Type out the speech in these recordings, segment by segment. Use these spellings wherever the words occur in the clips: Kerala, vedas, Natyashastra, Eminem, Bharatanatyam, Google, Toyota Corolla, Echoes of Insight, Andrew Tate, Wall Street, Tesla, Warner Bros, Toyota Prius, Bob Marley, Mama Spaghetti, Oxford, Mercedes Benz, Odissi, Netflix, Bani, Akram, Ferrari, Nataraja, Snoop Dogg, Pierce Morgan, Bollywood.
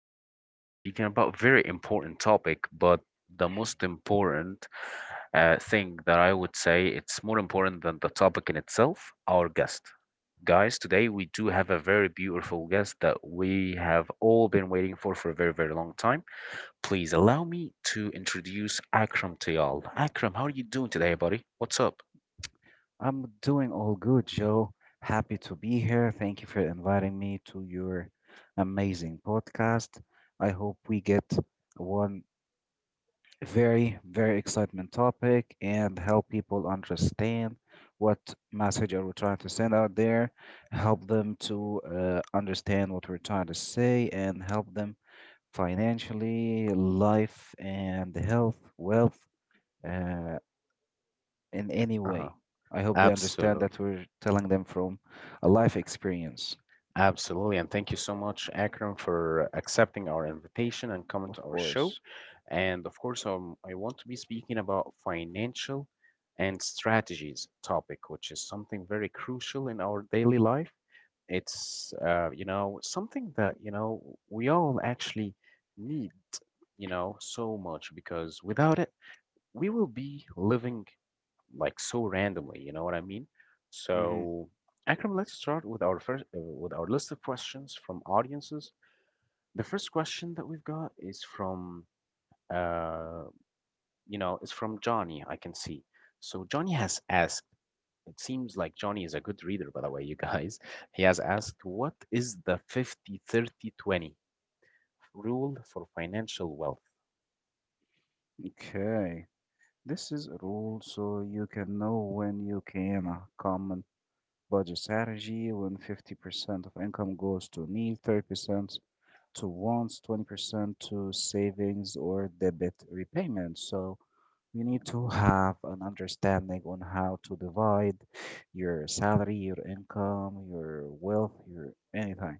episode, we're going to be speaking about very important topic, but the most important thing that I would say it's more important than the topic in itself. Our guest, guys, today we do have a very beautiful guest that we have all been waiting for a very, very long time. Please allow me to introduce Akram to y'all. Akram, how are you doing today, buddy? What's up? I'm doing all good, Joe. Happy to be here. Thank you for inviting me to your amazing podcast. I hope we get one very, very excitement topic and help people understand what message are we trying to send out there, help them to understand what we're trying to say, and help them financially, life and health, wealth, uh, in any Uh huh. way. I hope they understand Absolutely. that we're telling them from a life experience, Absolutely, and thank you so much, Akram, for accepting our invitation and coming of to our show. course. And of course, I want to be speaking about financial and strategies topic, which is something very crucial in our daily life. It's something that we all actually need, you know, so much because without it, we will be living like so randomly. You know what I mean? Hmm. So, Akram, let's start with our list of questions from audiences. The first question that we've got is from uh, is from Johnny. I can see. So Johnny has asked. It seems like Johnny is a good reader, by the way, you guys. He has asked, "What is the 50/30/20 rule for financial wealth?" Okay, this is a rule so you can know when you can come and budget strategy when 50% of income goes to need, 30% to wants, 20% to savings or debt repayment. So you need to have an understanding on how to divide your salary, your income, your wealth, your anything,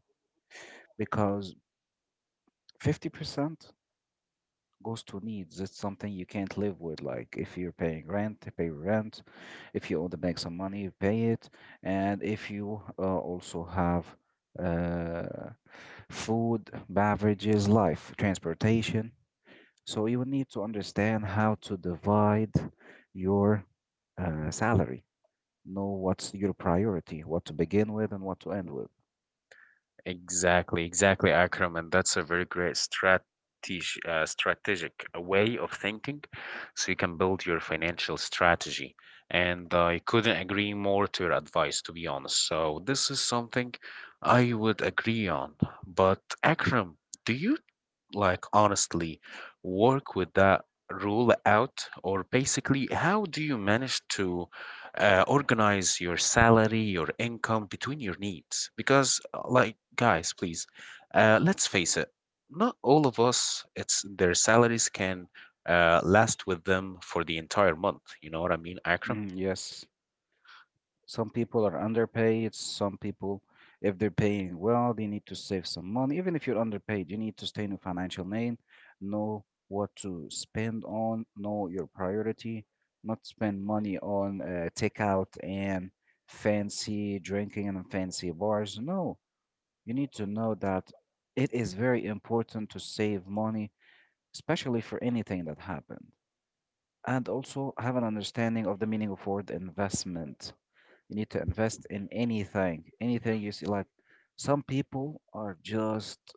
because 50% goes to needs. It's something you can't live with. Like if you're paying rent, pay your rent. If you want to make some money, pay it. And if you also have uh, food, beverages, life, transportation. So you need to understand how to divide your salary. Know what's your priority, what to begin with, and what to end with. Exactly, exactly, Akram, and that's a very great strategy, strategic way of thinking, so you can build your financial strategy. And I couldn't agree more to your advice, to be honest. So this is something I would agree on. But Akram, do you, like, honestly work with that rule out, or basically, how do you manage to organize your salary, your income between your needs? Because, guys, please, let's face it, not all of us, it's their salaries can last with them for the entire month. You know what I mean, Akram? Mm, yes. Some people are underpaid. Some people, if they're paying well, they need to save some money. Even if you're underpaid, you need to stay in a financial lane, know what to spend on, know your priority, not spend money on takeout and fancy drinking and fancy bars. No, you need to know that it is very important to save money, especially for anything that happened. And also have an understanding of the meaning of word investment. You need to invest in anything, anything you see. Like some people are just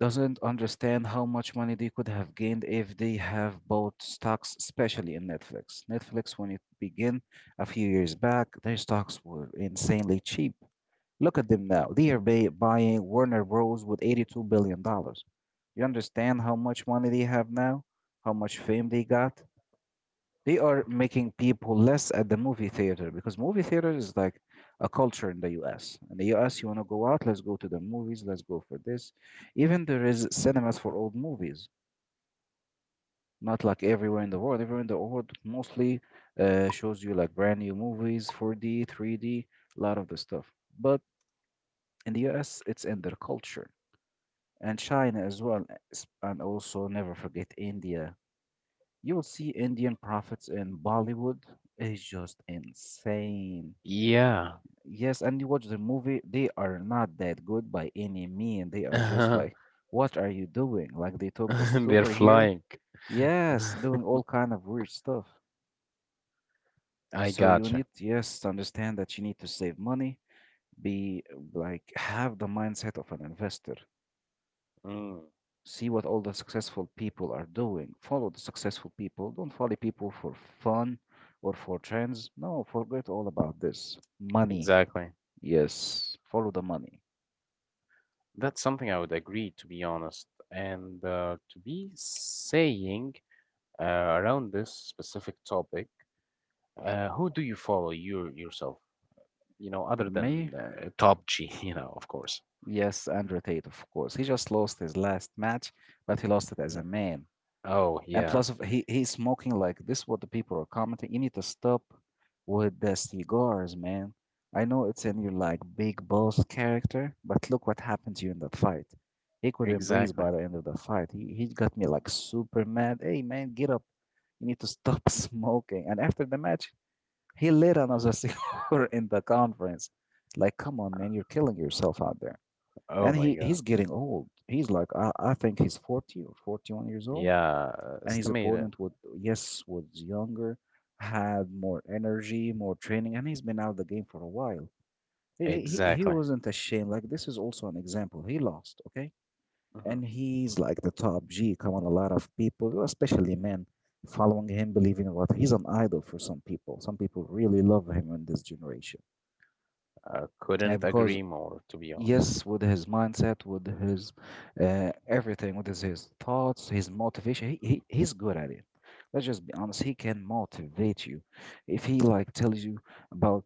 doesn't understand how much money they could have gained if they have bought stocks, especially in Netflix. Netflix, when it began a few years back, their stocks were insanely cheap. Look at them now. They are buying Warner Bros. With $82 billion. Dollars. You understand how much money they have now? How much fame they got? They are making people less at the movie theater, because movie theater is like a culture in the US. In the US, you want to go out, let's go to the movies, let's go for this. Even there is cinemas for old movies, not like everywhere in the world. Everywhere in the world mostly shows you like brand new movies, 4D, 3D, a lot of the stuff. But in the US, it's in their culture, and China as well, and also never forget India. You will see Indian profits in Bollywood is just insane. Yeah. Yes, and you watch the movie, they are not that good by any mean. They are just They're like, what are you doing? Like they took the superhero. flying. Yes, doing all kind of weird stuff. I So you gotcha. need, yes, to understand that you need to save money, be like have the mindset of an investor. Mm, See what all the successful people are doing. Follow the successful people. Don't follow people for fun or for trends. No, forget all about this. Money. exactly. Yes, follow the money. That's something I would agree, to be honest. And to be saying around this specific topic, who do you follow you yourself? You know, other than May Top G, you know, of course. yes, Andrew Tate, of course. He just lost his last match, but he lost it as Uh, a man. Oh And yeah, plus, he's smoking like this. What the people are commenting. You need to stop with the cigars, man. I know it's in your like big boss character, but look what happened to you in that fight. He couldn't breathe exactly. by the end of the fight. He got me like super mad. Hey man, get up. You need to stop smoking. And after the match, he lit another cigar in the conference. Like, come on, man, you're killing yourself out there, Oh and my he God. he's getting old. He's like I think he's 40 or 41 years old, Yeah, and his estimated. opponent would yes was younger, had more energy, more training, and he's been out of the game for a while. He Exactly. wasn't ashamed. Like this is also an example. He lost, okay, hmm and he's like the top G. Come on, a lot of people, especially men, following him, believing in what he's an idol for some people. Some people really love him in this generation, I and couldn't because agree more, to be honest. yes, with his mindset, with his everything, with his thoughts, his motivation. He's good at it. Let's just be honest. He can motivate you. If he like tells you about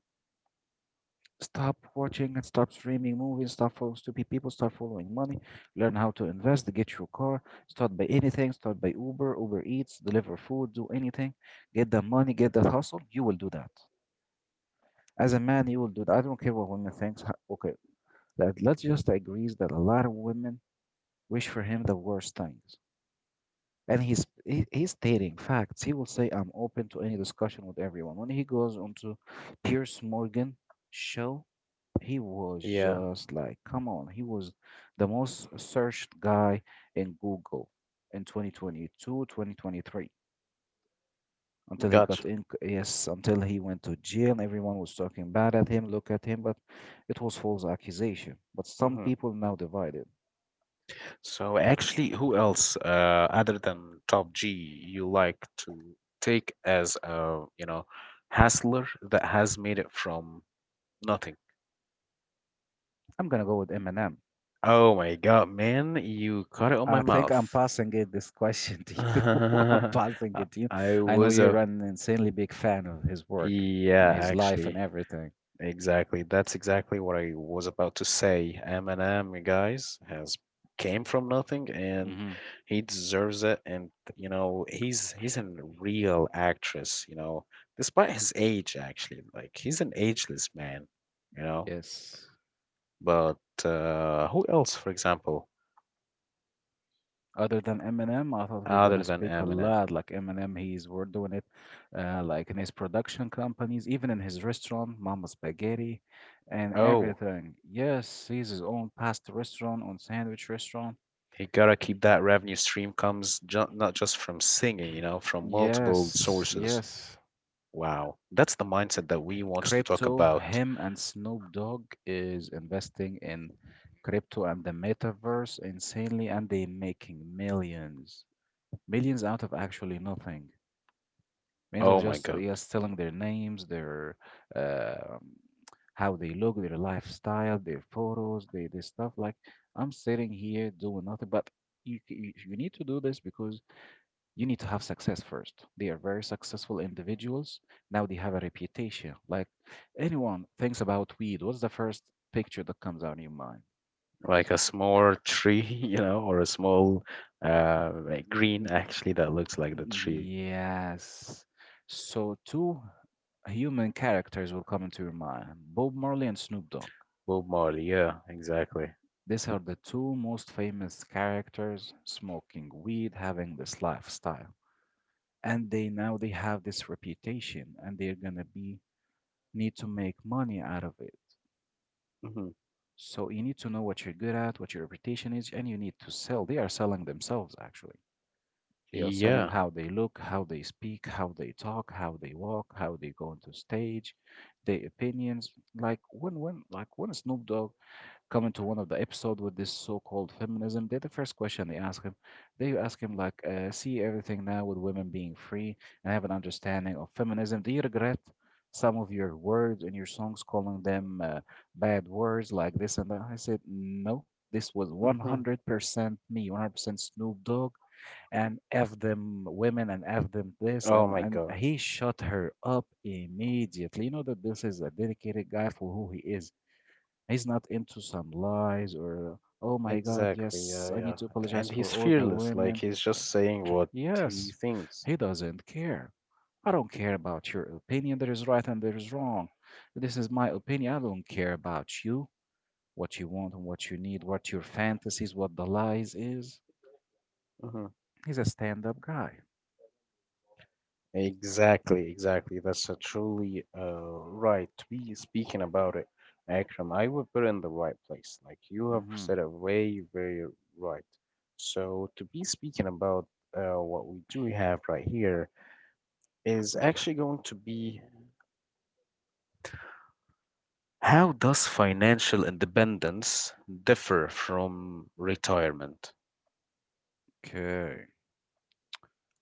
stop watching and stop streaming movies, stop following stupid people, start following money, learn how to invest, get your car, start by anything, start by Uber, Uber Eats, deliver food, do anything, get the money, get that hustle. You will do that. As a man, you will do that. I don't care what women thinks. Okay, let's just agree that a lot of women wish for him the worst things. And he's stating facts. He will say, "I'm open to any discussion with everyone." When he goes onto Pierce Morgan show, he was Yeah, just like, "Come on!" He was the most searched guy in Google in 2022, 2023, until he got gotcha. in yes until he went to jail. Everyone was talking bad at him, look at him, but it was false accusation, but some hmm people now divided. So actually, who else, other than Top G, you like to take as a, you know, hustler that has made it from nothing? I'm gonna go with Eminem. Oh my god, man, you caught it on my I think I'm mouth. passing it this question to you. I'm I passing it to you. I I know was you're a an insanely big fan of his work and yeah, his life actually, and everything. exactly. That's exactly what I was about to say. Eminem, you guys, has came from nothing and Hmm. he deserves it. And you know, he's a real actress, you know, despite his age, actually. Like he's an ageless man, you know. Yes. But who else, for example, Other than Eminem, I thought we are other gonna than speak a Eminem? lot like Eminem. He's we're doing it, like in his production companies, even in his restaurant, Mama Spaghetti, and Oh, everything. Yes, he's his own pasta restaurant, own sandwich restaurant. you gotta keep that revenue stream comes ju not just from singing, you know, from multiple Yes, sources. yes. Wow. That's the mindset that we want to talk Crypto, about. him and Snoop Dogg is investing in crypto and the metaverse insanely, and they making millions, millions out of actually nothing. Millions of Oh my just God. just selling their names, their uh, how they look, their lifestyle, their photos, their stuff. Like I'm sitting here doing nothing, but you c- you need to do this because you need to have success first. They are very successful individuals. Now they have a reputation. Like anyone thinks about weed, what's the first picture that comes out in your mind? Like a small tree, you know, or a small like green N- actually that looks like the tree. Yes. So two human characters will come into your mind. Bob Marley and Snoop Dogg. Bob Marley. Yeah, exactly. These are the two most famous characters smoking weed, having this lifestyle. And they now they have this reputation and they're gonna be need to make money out of it. hmm So you need to know what you're good at, what your reputation is, and you need to sell. They are selling themselves, actually. They are selling Yeah. how they look, how they speak, how they talk, how they walk, how they go onto stage, their opinions. Like when Snoop Dogg coming to one of the episode with this so-called feminism, they the first question they ask him like, see everything now with women being free and have an understanding of feminism. Do you regret some of your words in your songs, calling them bad words like this and that? I said, no, this was hmm 100% me, 100% Snoop Dogg, and F them women and F them this. Oh And, my and God. he shut her up immediately. You know that this is a dedicated guy for who he is. He's not into some lies or, oh my God, Exactly. yes, Yeah, I yeah. need to apologize And for he's all the fearless. Like women. he's just saying what he Yes, thinks. he doesn't care. I don't care about your opinion. There is right and there is wrong. This is my opinion. I don't care about you, what you want and what you need, what your fantasies, what the lies is. hmm He's a stand-up guy. Exactly, exactly. That's a truly right. We speaking about it, Akram. I would put it in the right place. Like you have Hmm. said it way, very right. So to be speaking about what we do have right here is actually going to be: How does financial independence differ from retirement? Okay.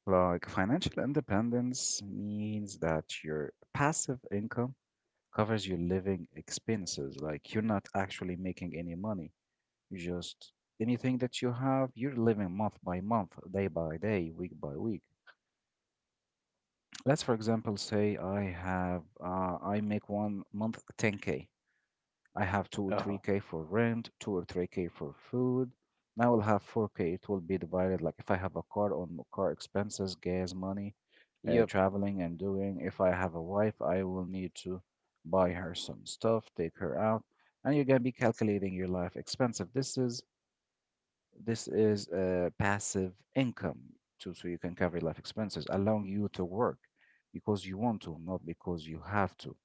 Like financial independence means that your passive income covers your living expenses. Like you're not actually making any money. You just anything that you have, you're living month by month, day by day, week by week. Let's for example say I have I make one month 10K. I have two or Uh, three K for rent, two or three K for food. Now I'll have four K. It will be divided like if I have a car on car expenses, gas money, yep, traveling and doing. If I have a wife, I will need to buy her some stuff, take her out, and you're gonna be calculating your life expenses. This is passive income too, so you can cover life expenses, allowing you to work because you want to, not because you have to.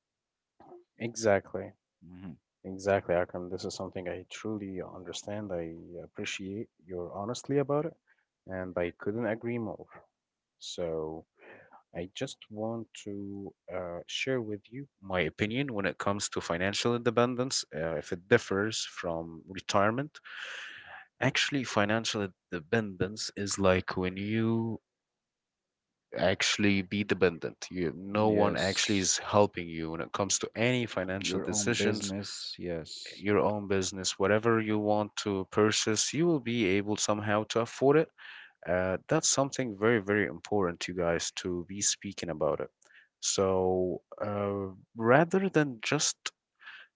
exactly. Mhm. Exactly, Akram. This is something I truly understand. I appreciate your honesty about it, and I couldn't agree more. So, I just want to share with you my opinion when it comes to financial independence, if it differs from retirement. Actually, financial independence is like when you actually be dependent. You, no one actually Yes. is helping you when it comes to any financial Your own decisions, business. Yes, your own business, whatever you want to purchase, you will be able somehow to afford it. That's something very, very important, you guys, to be speaking about it. So rather than just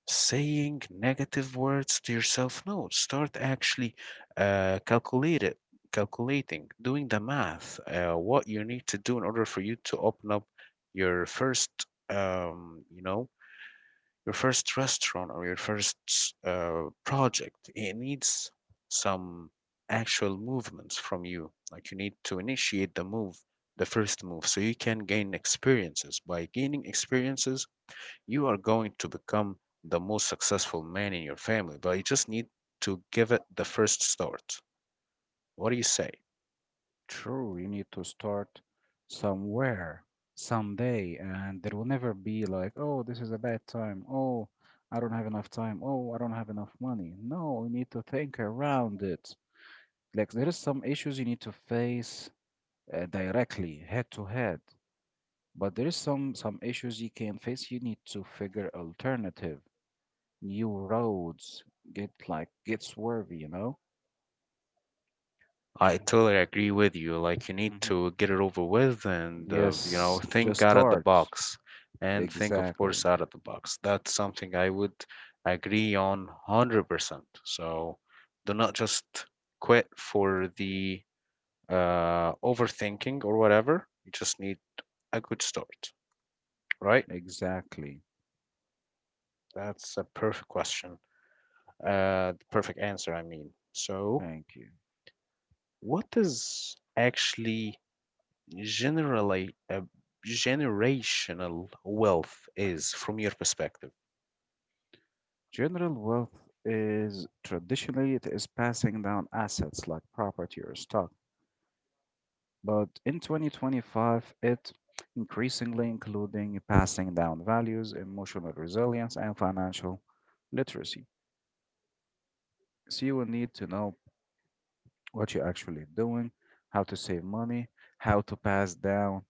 saying negative words to yourself. No, start actually uh, calculate it, calculating, doing the math, what you need to do in order for you to open up your first, um, you know, your first restaurant or your first project. It needs some actual movements from you. Like you need to initiate the move, the first move, so you can gain experiences. By gaining experiences, you are going to become the most successful man in your family, but you just need to give it the first start. What do you say? true. You need to start somewhere, someday, and there will never be like, oh, this is a bad time. Oh, I don't have enough time. Oh, I don't have enough money. No, you need to think around it. Like there is some issues you need to face directly, head to head, but there is some issues you can face. You need to figure alternative, new roads. Get like get swervy, I totally agree with you. Like, you need to get it over with and, you know, Yes, just think out of the start. box and think, of Exactly. course, out of the box. That's something I would agree on 100%. So, do not just quit for the overthinking or whatever. You just need a good start, right? Exactly. That's a perfect question. The perfect answer, I mean. So, Thank you. what is actually generally generational wealth is from your perspective? General wealth is traditionally it is passing down assets like property or stock, but in 2025 it increasingly including passing down values, emotional resilience, and financial literacy. So you will need to know what you're actually doing, how to save money, how to pass down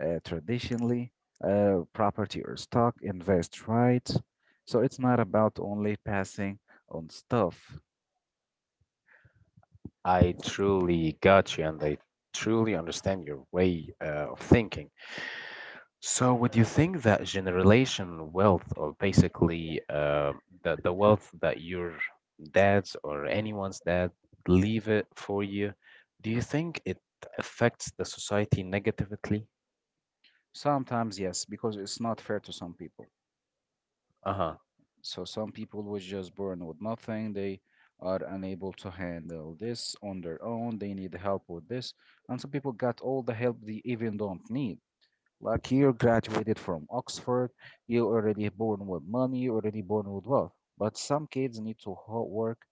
traditionally property or stock, invest right. So it's not about only passing on stuff. I truly got you, and I truly understand your way of thinking. So would you think that generational wealth, or basically the wealth that your dad's or anyone's dad leave it for you, do you think it affects the society negatively? Sometimes, yes, because it's not fair to some people. Uh-huh. So some people was just born with nothing. They are unable to handle this on their own. They need help with this. And some people got all the help they even don't need. Like you graduated from Oxford, you already born with money, you already born with wealth. But some kids need to work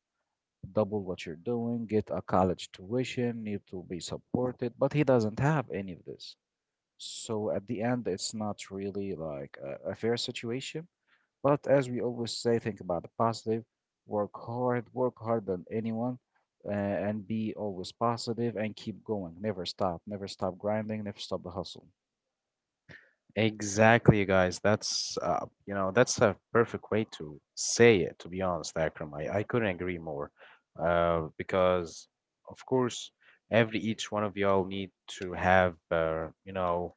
double what you're doing, get a college tuition, need to be supported, but he doesn't have any of this. So at the end, it's not really like a fair situation, but as we always say, think about the positive, work hard, work harder than anyone, and be always positive and keep going. Never stop, never stop grinding, never stop the hustle. Exactly, you guys. That's that's a perfect way to say it, to be honest, Akram. I couldn't agree more. Because of course, every each one of y'all need to have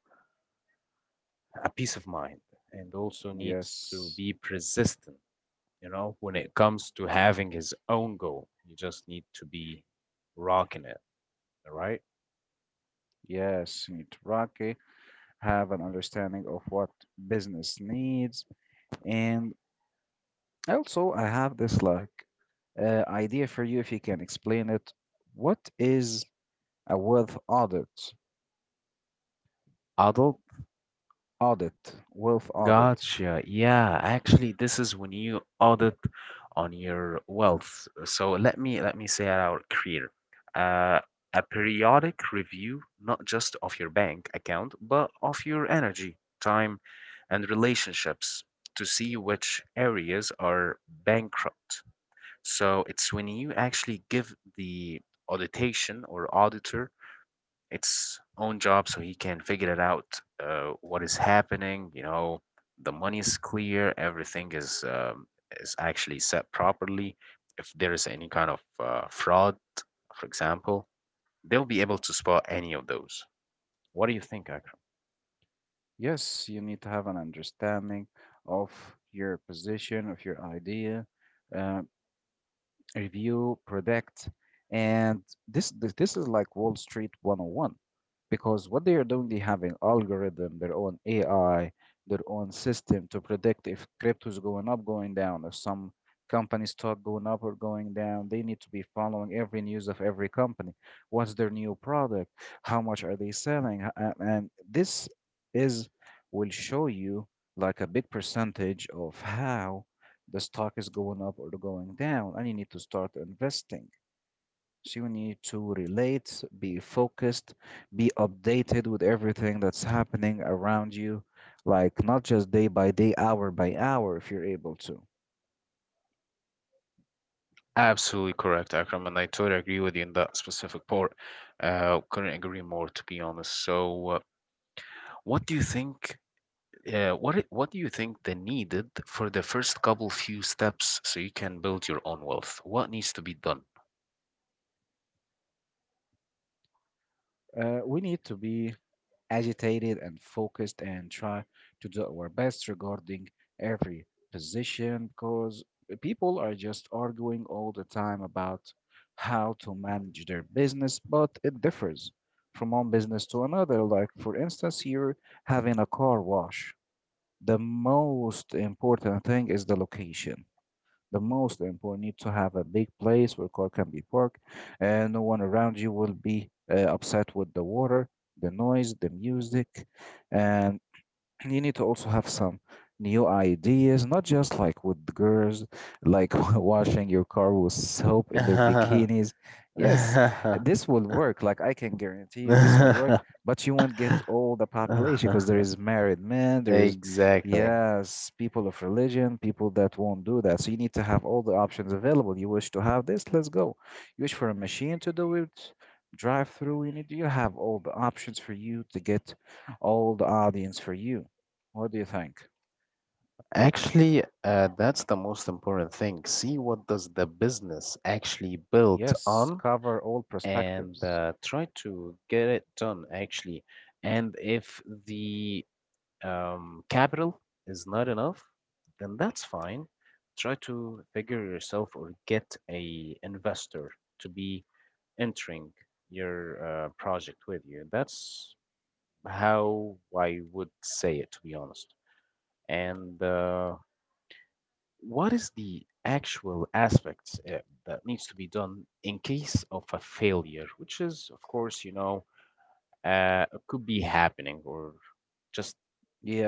a peace of mind and also needs to Yes, be persistent, you know, when it comes to having his own goal. You just need to be rocking it, all right? yes, you need to rock it, have an understanding of what business needs. And also, I have this like idea for you if you can explain it. What is a wealth audit? Adult. Audit, wealth audit. Gotcha. Yeah, actually, this is when you audit on your wealth. So let me say it out clear. Uh, a periodic review, not just of your bank account, but of your energy, time, and relationships to see which areas are bankrupt. So it's when you actually give the auditation or auditor its own job so he can figure it out, what is happening. You know, the money is clear, everything is actually set properly. If there is any kind of fraud, for example, they'll be able to spot any of those. What do you think, Akram? Yes, you need to have an understanding of your position, of your idea, uh, review, predict, and this is like Wall Street 101, because what they are doing, they have an algorithm, their own AI, their own system to predict if crypto is going up, going down, if some company stock going up or going down. They need to be following every news of every company. What's their new product? How much are they selling? And this is will show you like a big percentage of how the stock is going up or going down, and you need to start investing. So you need to relate, be focused, be updated with everything that's happening around you, like not just day by day, hour by hour, if you're able to. Absolutely correct, Akram, and I totally agree with you in that specific part. Couldn't agree more, to be honest. So what do you think yeah, what do you think they needed for the first couple few steps so you can build your own wealth? What needs to be done? We need to be agitated and focused and try to do our best regarding every position, because people are just arguing all the time about how to manage their business, but it differs from one business to another. Like, for instance, you're having a car wash. The most important thing is the location. The most important, you need to have a big place where car can be parked, and no one around you will be upset with the water, the noise, the music, and you need to also have some new ideas, not just like with the girls, like washing your car with soap in their bikinis. Yes, this will work. Like I can guarantee you, this will work. But you won't get all the population because there is married men, there is Exactly. yes, people of religion, people that won't do that. So you need to have all the options available. You wish to have this, let's go. You wish for a machine to do it. Drive through, you have all the options for you to get all the audience for you. What do you think? Actually, that's the most important thing. See what does the business actually built Yes, on cover all and perspectives. Try to get it done actually. And if the capital is not enough, then that's fine. Try to figure yourself or get a investor to be entering your project with you. That's how I would say it, to be honest. And what is the actual aspect that needs to be done in case of a failure, which is, of course, you know, could be happening or just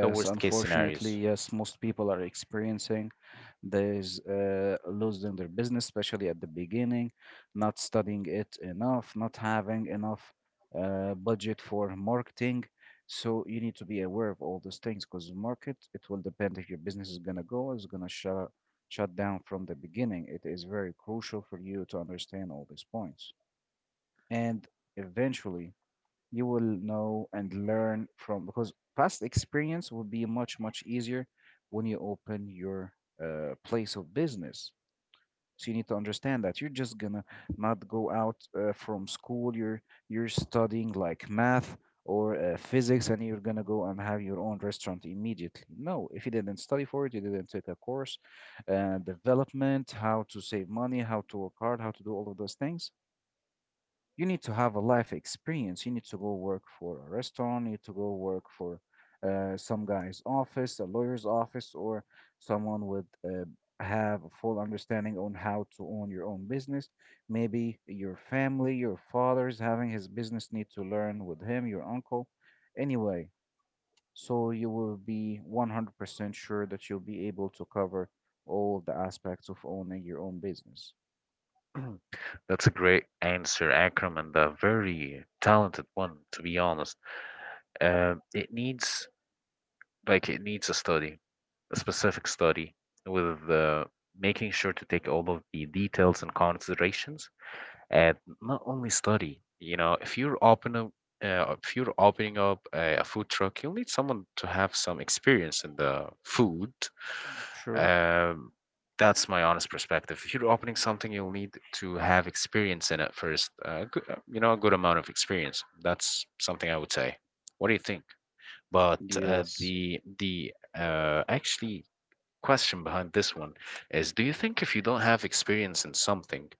the worst case scenarios? unfortunately, yes, most people are experiencing this losing their business, especially at the beginning, not studying it enough, not having enough budget for marketing. So you need to be aware of all those things because the market, it will depend if your business is gonna go, or is gonna shut down from the beginning. It is very crucial for you to understand all these points. And eventually, you will know and learn from, because past experience will be much much easier when you open your place of business. So you need to understand that you're just gonna not go out from school. You're studying like math or physics, and you're gonna go and have your own restaurant immediately? No, if you didn't study for it, you didn't take a course, development, how to save money, how to work hard, how to do all of those things. You need to have a life experience. You need to go work for a restaurant, you need to go work for some guy's office, a lawyer's office, or someone would have a full understanding on how to own your own business. Maybe your family, your father's having his business, need to learn with him, your uncle. Anyway, so you will be 100% sure that you'll be able to cover all the aspects of owning your own business. Mhm. That's a great answer, Akram, and a very talented one, to be honest. It needs, like it needs a study, a specific study with making sure to take all of the details and considerations, and not only study. You know, if you're opening, up a food truck, you'll need someone to have some experience in the food. True. Um, that's my honest perspective. If you're opening something, you'll need to have experience in it first. You know, a good amount of experience. That's something I would say. What do you think? But Yes. The actually, question behind this one is: do you think if you don't have experience in something,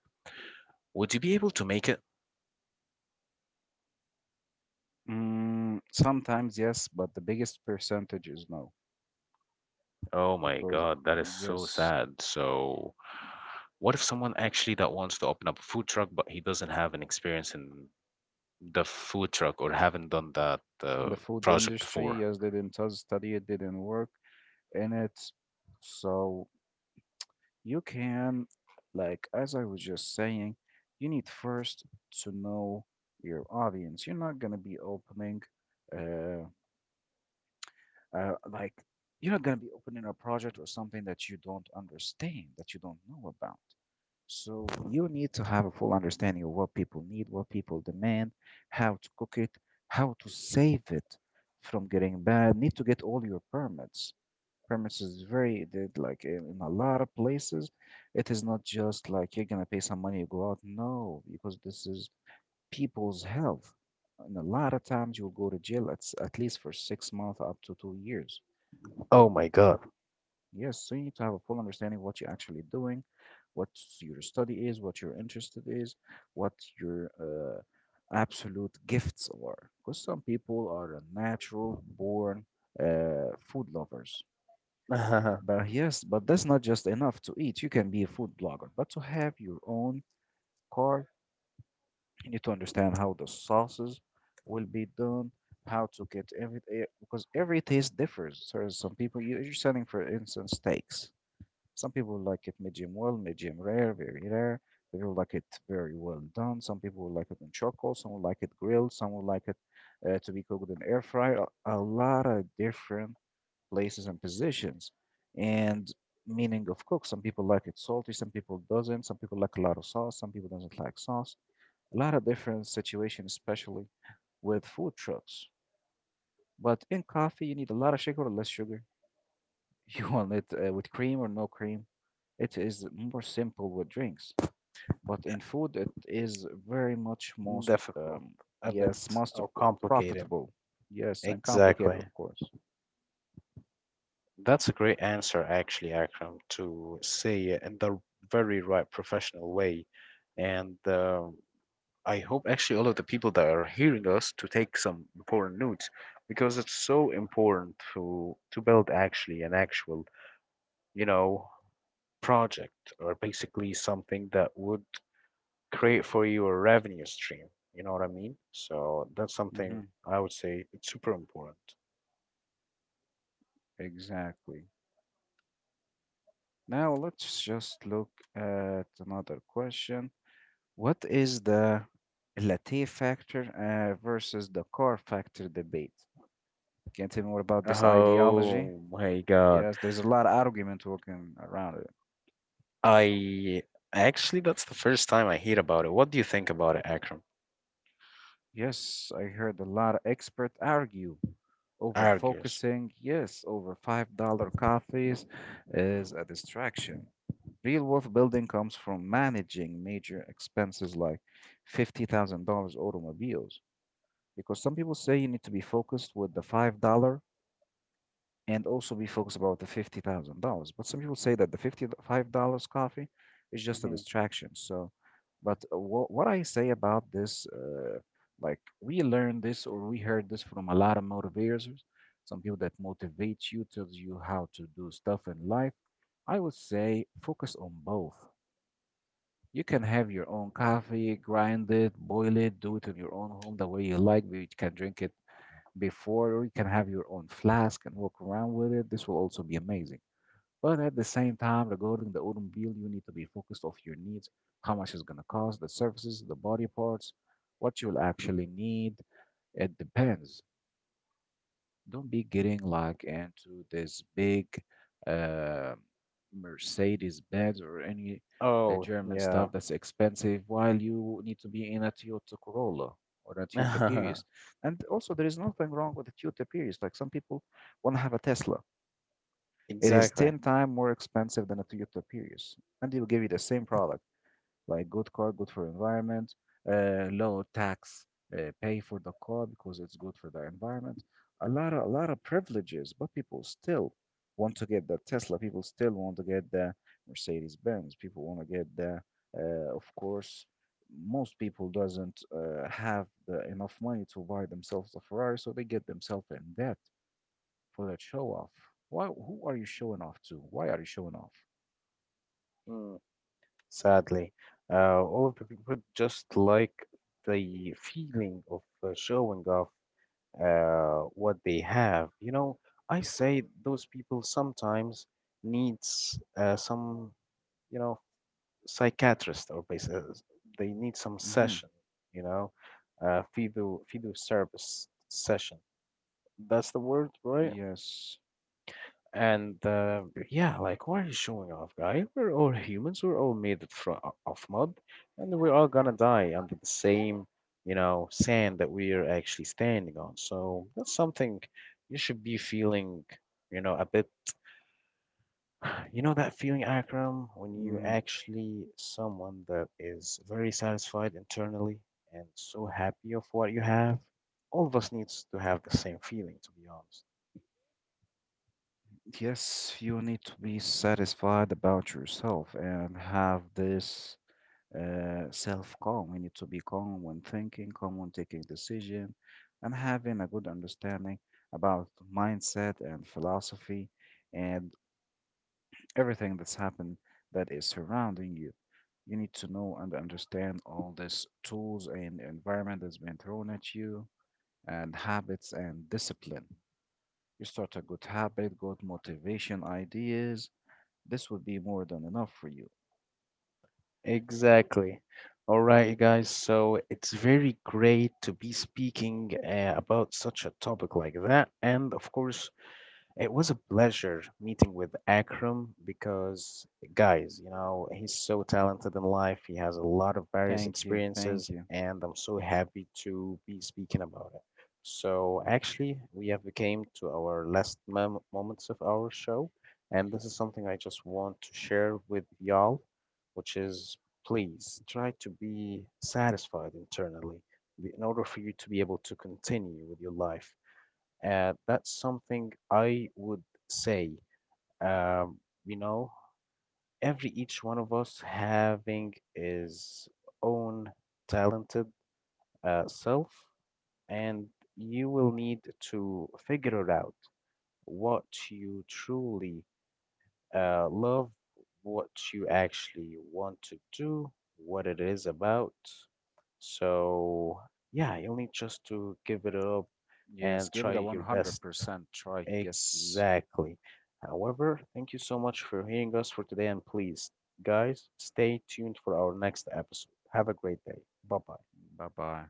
would you be able to make it? Mm, sometimes yes, but the biggest percentage is no, Oh my because God, that is so yes, sad. So, what if someone actually that wants to open up a food truck, but he doesn't have an experience in the food truck or haven't done that the food project industry, before? yes, they didn't tell study, it didn't work in it. So you can, like, as I was just saying, you need first to know your audience. You're not gonna be opening. Uh, Uh, like, you're not going to be opening a project or something that you don't understand, that you don't know about. So you need to have a full understanding of what people need, what people demand, how to cook it, how to save it from getting bad. Need to get all your permits. Permits is very did like in a lot of places. It is not just like you're gonna pay some money, you go out. No, because this is people's health. And a lot of times you'll go to jail at, at least for 6 months up to 2 years. Oh my God. Yes, so you need to have a full understanding of what you're actually doing, what your study is, what your interest is, what your absolute gifts are. Because some people are natural born food lovers. But yes, but that's not just enough to eat. You can be a food blogger, but to have your own car, you need to understand how the sauces will be done, how to get every because every taste differs. So some people you're selling, for instance, steaks, some people like it medium well, medium rare, very rare. Some people like it very well done. Some people like it in charcoal. Some will like it grilled. Some will like it to be cooked in air fryer. A lot of different places and positions and meaning of cook. Some people like it salty. Some people doesn't. Some people like a lot of sauce. Some people doesn't like sauce. A lot of different situations, especially with food trucks. But in coffee, you need a lot of sugar or less sugar. You want it with cream or no cream? It is more simple with drinks, but in food it is very much most Difficult, a yes, bit, most or complicated. profitable. Yes, and complicated, Exactly. of course. That's a great answer, actually, Akram, to say it in the very right professional way. And I hope actually all of the people that are hearing us to take some important notes, because it's so important to build actually an actual, you know, project or basically something that would create for you a revenue stream. You know what I mean? So that's something Hmm. I would say it's super important. Exactly. Now let's just look at another question. What is the latte factor versus the car factor debate? Can you tell me more about this ideology? Oh my God. Yes, there's a lot of argument walking around. I actually, that's the first time I hear about it. What do you think about it, Akram? Yes, I heard a lot of experts argue over Argues. focusing. Yes, over $5 coffees is a distraction. Real wealth building comes from managing major expenses like $50,000 automobiles. Because some people say you need to be focused with the $5 and also be focused about the $50,000. But some people say that the $55 coffee is just a Mhm. distraction. So, but what I say about this, like, we learned this or we heard this from a lot of motivators, some people that motivate you, tells you how to do stuff in life. I would say focus on both. You can have your own coffee, grind it, boil it, do it in your own home the way you like. You can drink it before, or you can have your own flask and walk around with it. This will also be amazing. But at the same time, regarding the automobile, you need to be focused of your needs, how much it's going to cost, the services, the body parts, what you'll actually need. It depends. Don't be getting like into this big uh, Mercedes Benz or any Oh, German stuff yeah. that's expensive while you need to be in a Toyota Corolla or a Toyota Prius. And also, there is nothing wrong with a Toyota Prius. Like some people want to have a Tesla. It is Exactly. 10 times more expensive than a Toyota Prius, and they will give you the same product like good car, good for environment, low tax, pay for the car because it's good for the environment. A lot of privileges, but people still want to get the Tesla. People still want to get the Mercedes Benz. People want to get the, of course, most people doesn't have the, enough money to buy themselves a Ferrari, so they get themselves in debt for that show off. Why? Who are you showing off to? Why are you showing off? Mm, sadly, all of the people just like the feeling of showing off what they have. You know, I say those people sometimes needs you know, psychiatrist, they need some Mm-hmm. session, you know, phyto service session. That's the word, right? Yes. And yeah, like, why are you showing off, guy? We're all humans. We're all made it from of mud, and we're all gonna die under the same, you know, sand that we are actually standing on. So that's something you should be feeling, you know, a bit. You know that feeling, Akram, when you Mm-hmm. actually someone that is very satisfied internally and so happy of what you have. All of us needs to have the same feeling, to be honest. Yes, you need to be satisfied about yourself and have this self calm. You need to be calm when thinking, calm when taking decision, and having a good understanding about mindset and philosophy and everything that's happened that is surrounding you. You need to know and understand all these tools and environment that's been thrown at you, and habits and discipline. You start a good habit, good motivation ideas, this would be more than enough for you. Exactly. All right, guys. So it's very great to be speaking about such a topic like that. And of course, it was a pleasure meeting with Akram because, guys, you know, he's so talented in life. He has a lot of various Thank you. Thank experiences, you. and I'm so happy to be speaking about it. So actually, we have came to our last moments of our show, and this is something I just want to share with y'all, which is: please try to be satisfied internally in order for you to be able to continue with your life. That's something I would say. Um, you know, every each one of us having his own talented self, and you will need to figure it out what you truly love, what you actually want to do, what it is about. So, yeah, you'll need just to give it up Yes, and give it a try your best. 100% try. Yes. Exactly. However, thank you so much for hearing us for today, and please, guys, stay tuned for our next episode. Have a great day. Bye bye. Bye bye.